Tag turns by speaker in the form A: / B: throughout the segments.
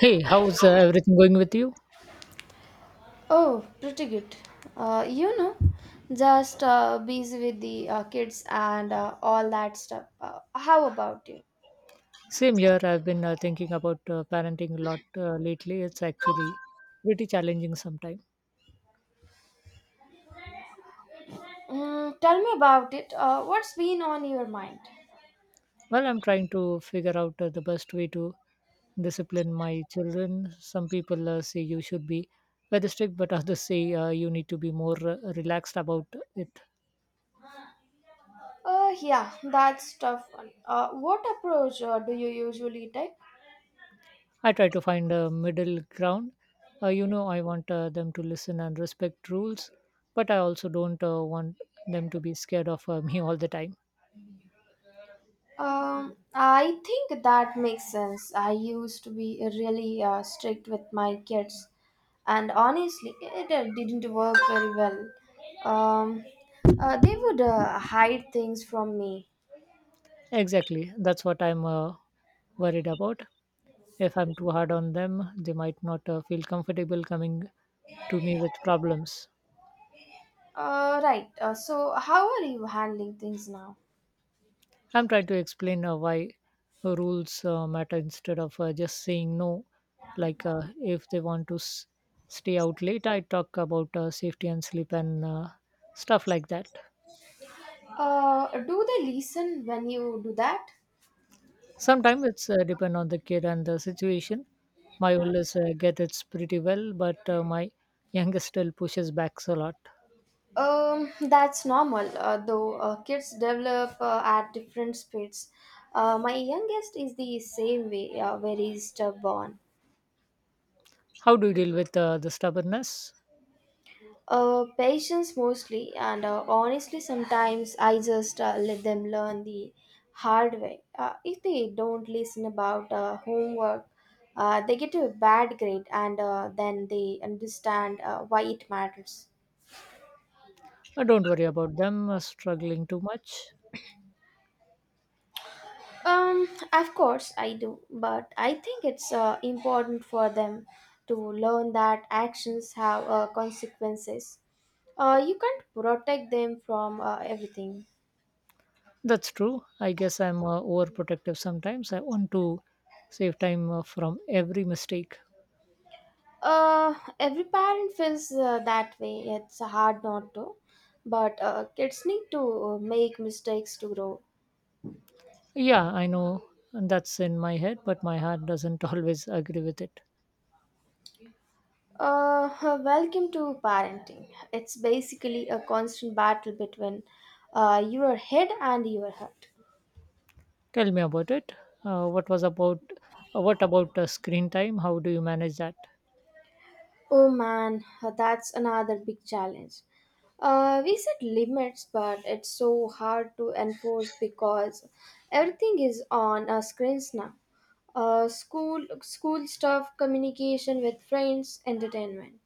A: Hey, how's everything going with you?
B: Oh, pretty good. Uh, you know, just busy with the kids and all that stuff. How about you?
A: Same here. I've been thinking about parenting a lot lately. It's actually pretty challenging sometimes.
B: Mm, tell me about it. What's been on your mind?
A: Well, I'm trying to figure out the best way to discipline my children. Some people say you should be very strict, but others say you need to be more relaxed about it.
B: Yeah, that's tough one. What approach do you usually take?
A: I try to find a middle ground. I want them to listen and respect rules, but I also don't want them to be scared of me all the time.
B: I think that makes sense. I used to be really strict with my kids, and honestly, it didn't work very well. Um, they would hide things from me.
A: Exactly. That's what I'm worried about. If I'm too hard on them, they might not feel comfortable coming to me with problems.
B: Right. So, how are you handling things now?
A: I'm trying to explain why rules matter instead of just saying no. Like if they want to stay out late, I talk about safety and sleep and stuff like that.
B: Do they listen when you do that?
A: Sometimes it's depend on the kid and the situation. My oldest gets it pretty well, but my youngest still pushes back a lot.
B: That's normal, though kids develop at different speeds. My youngest is the same way, very stubborn.
A: How do you deal with the stubbornness?
B: Patience mostly, and honestly, sometimes I just let them learn the hard way. If they don't listen about homework, they get a bad grade, and then they understand why it matters.
A: Don't worry about them struggling too much.
B: Of course I do, but I think it's important for them to learn that actions have consequences. You can't protect them from everything.
A: That's true. I guess I'm overprotective sometimes. I want to save time from every mistake.
B: Uh, every parent feels that way. It's hard not to, but kids need to make mistakes to grow.
A: Yeah, I know that's in my head, but my heart doesn't always agree with it.
B: Welcome to parenting. It's basically a constant battle between your head and your heart.
A: Tell me about it. What was about? What about screen time? How do you manage that?
B: Oh man, that's another big challenge. We set limits, but it's so hard to enforce because everything is on our screens now. School, school stuff, communication with friends, entertainment.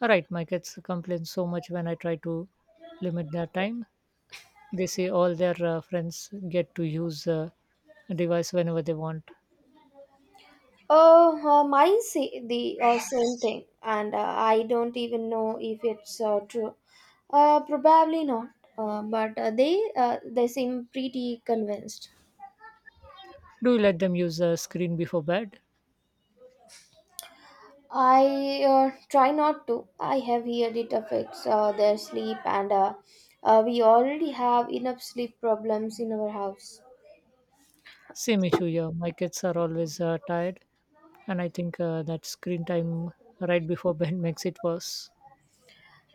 A: All right, my kids complain so much when I try to limit their time. They say all their friends get to use a device whenever they want.
B: Oh, mine say the same thing, and I don't even know if it's true. Probably not. But they seem pretty convinced.
A: Do you let them use a screen before bed?
B: I try not to. I have heard it affects their sleep, and we already have enough sleep problems in our house.
A: Same issue here, my kids are always tired, and I think that screen time right before bed makes it worse.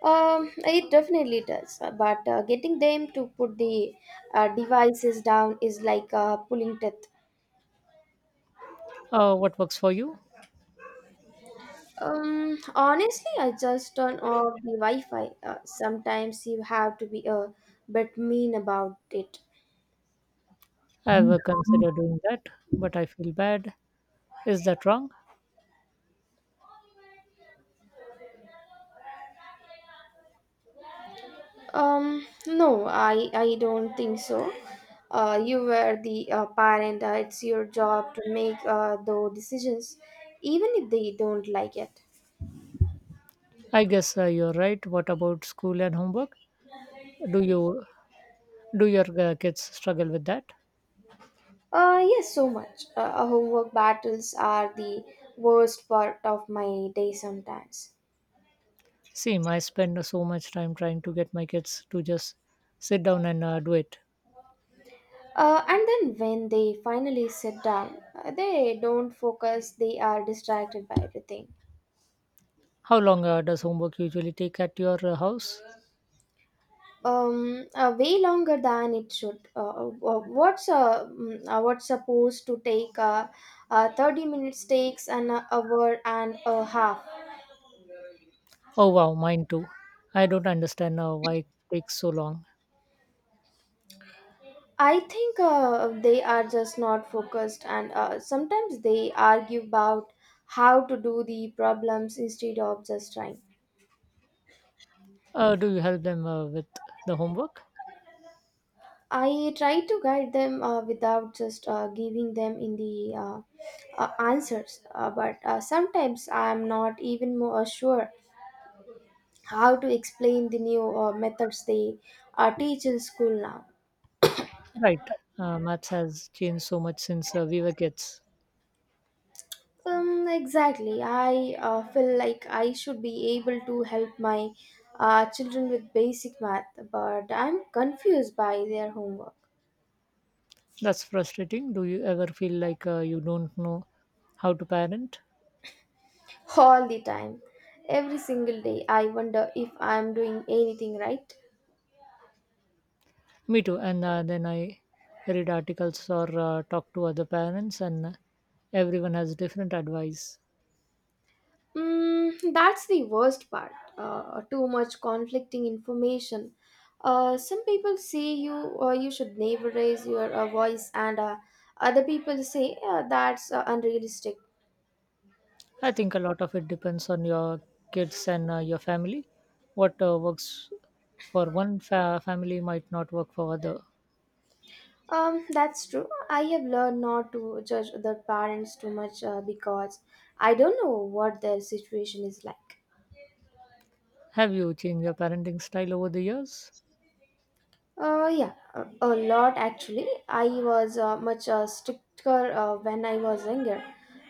B: It definitely does, but getting them to put the devices down is like pulling teeth.
A: What works for you?
B: Honestly, I just turn off the Wi Fi. Sometimes you have to be a bit mean about it.
A: I've considered doing that, but I feel bad. Is that wrong?
B: No, I don't think so. You were the parent. It's your job to make those decisions, even if they don't like it.
A: I guess you're right. What about school and homework? Do you, do your kids struggle with that?
B: Yes, so much. Homework battles are the worst part of my day sometimes.
A: Same, I spend so much time trying to get my kids to just sit down and do it.
B: And then when they finally sit down, they don't focus, they are distracted by everything.
A: How long does homework usually take at your house?
B: Way longer than it should . What's supposed to take 30 minutes takes an hour and a half.
A: Oh, wow, mine too. I don't understand why it takes so long.
B: I think they are just not focused, and sometimes they argue about how to do the problems instead of just trying.
A: Do you help them with the homework?
B: I try to guide them without just giving them in the answers, but sometimes I am not even more sure how to explain the new methods they teach in school now.
A: Right. Maths has changed so much since we were kids.
B: Exactly. I feel like I should be able to help my children with basic math, but I'm confused by their homework
A: That's frustrating. Do you ever feel like you don't know how to parent?
B: all the time. Every single day, I wonder if I'm doing anything right.
A: Me too. And then I read articles or talk to other parents, and everyone has different advice.
B: Mm, that's the worst part. Too much conflicting information. Some people say you should never raise your voice, and other people say that's unrealistic.
A: I think a lot of it depends on your kids and your family. What works for one family might not work for other.
B: That's true. I have learned not to judge other parents too much because I don't know what their situation is like.
A: Have you changed your parenting style over the years?
B: Yeah, a lot actually. I was much stricter when I was younger.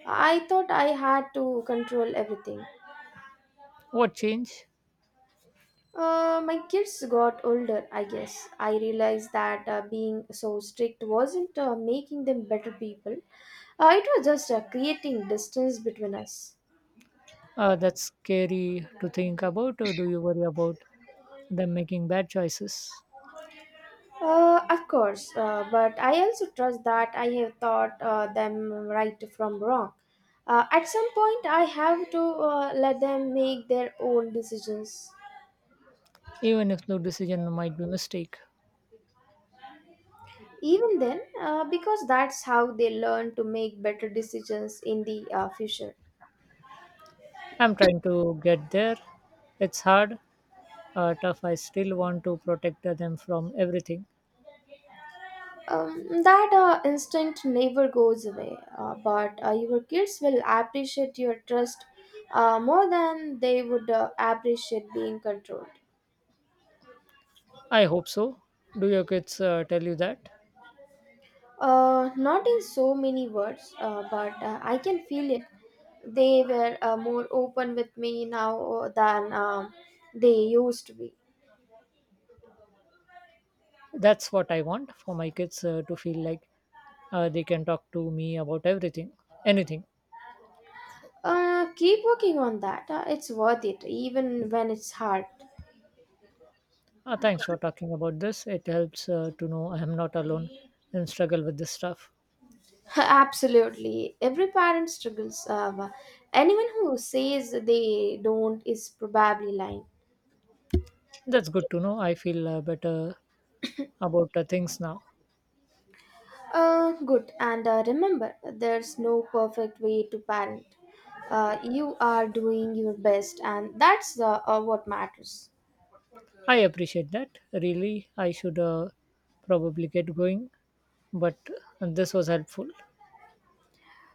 B: I thought I had to control everything.
A: What change?
B: My kids got older, I guess. I realized that being so strict wasn't making them better people. It was just creating distance between us.
A: That's scary to think about. Or do you worry about them making bad choices,
B: Of course, but I also trust that I have taught them right from wrong. At some point, I have to let them make their own decisions.
A: even if no decision might be mistake?
B: Even then, because that's how they learn to make better decisions in the future.
A: I'm trying to get there. It's hard, tough. I still want to protect them from everything.
B: That instinct never goes away, but your kids will appreciate your trust more than they would appreciate being controlled.
A: I hope so. Do your kids tell you that?
B: Not in so many words, but I can feel it. They were more open with me now than they used to be.
A: That's what I want for my kids to feel like they can talk to me about everything, anything.
B: Keep working on that. It's worth it, even when it's hard.
A: Thanks for talking about this. It helps to know I am not alone and struggle with this stuff.
B: Absolutely. Every parent struggles. Anyone who says they don't is probably lying.
A: That's good to know. I feel better about things now.
B: Good. And remember, there's no perfect way to parent. You are doing your best, and that's what matters.
A: I appreciate that. Really, I should probably get going, but this was helpful.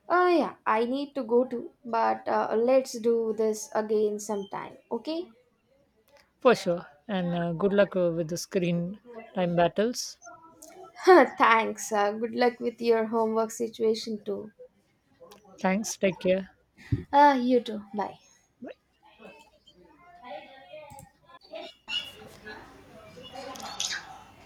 B: Yeah, I need to go too, but let's do this again sometime, okay?
A: For sure. And good luck with the screen time battles.
B: Thanks. Good luck with your homework situation too.
A: Thanks. Take care.
B: You too. Bye.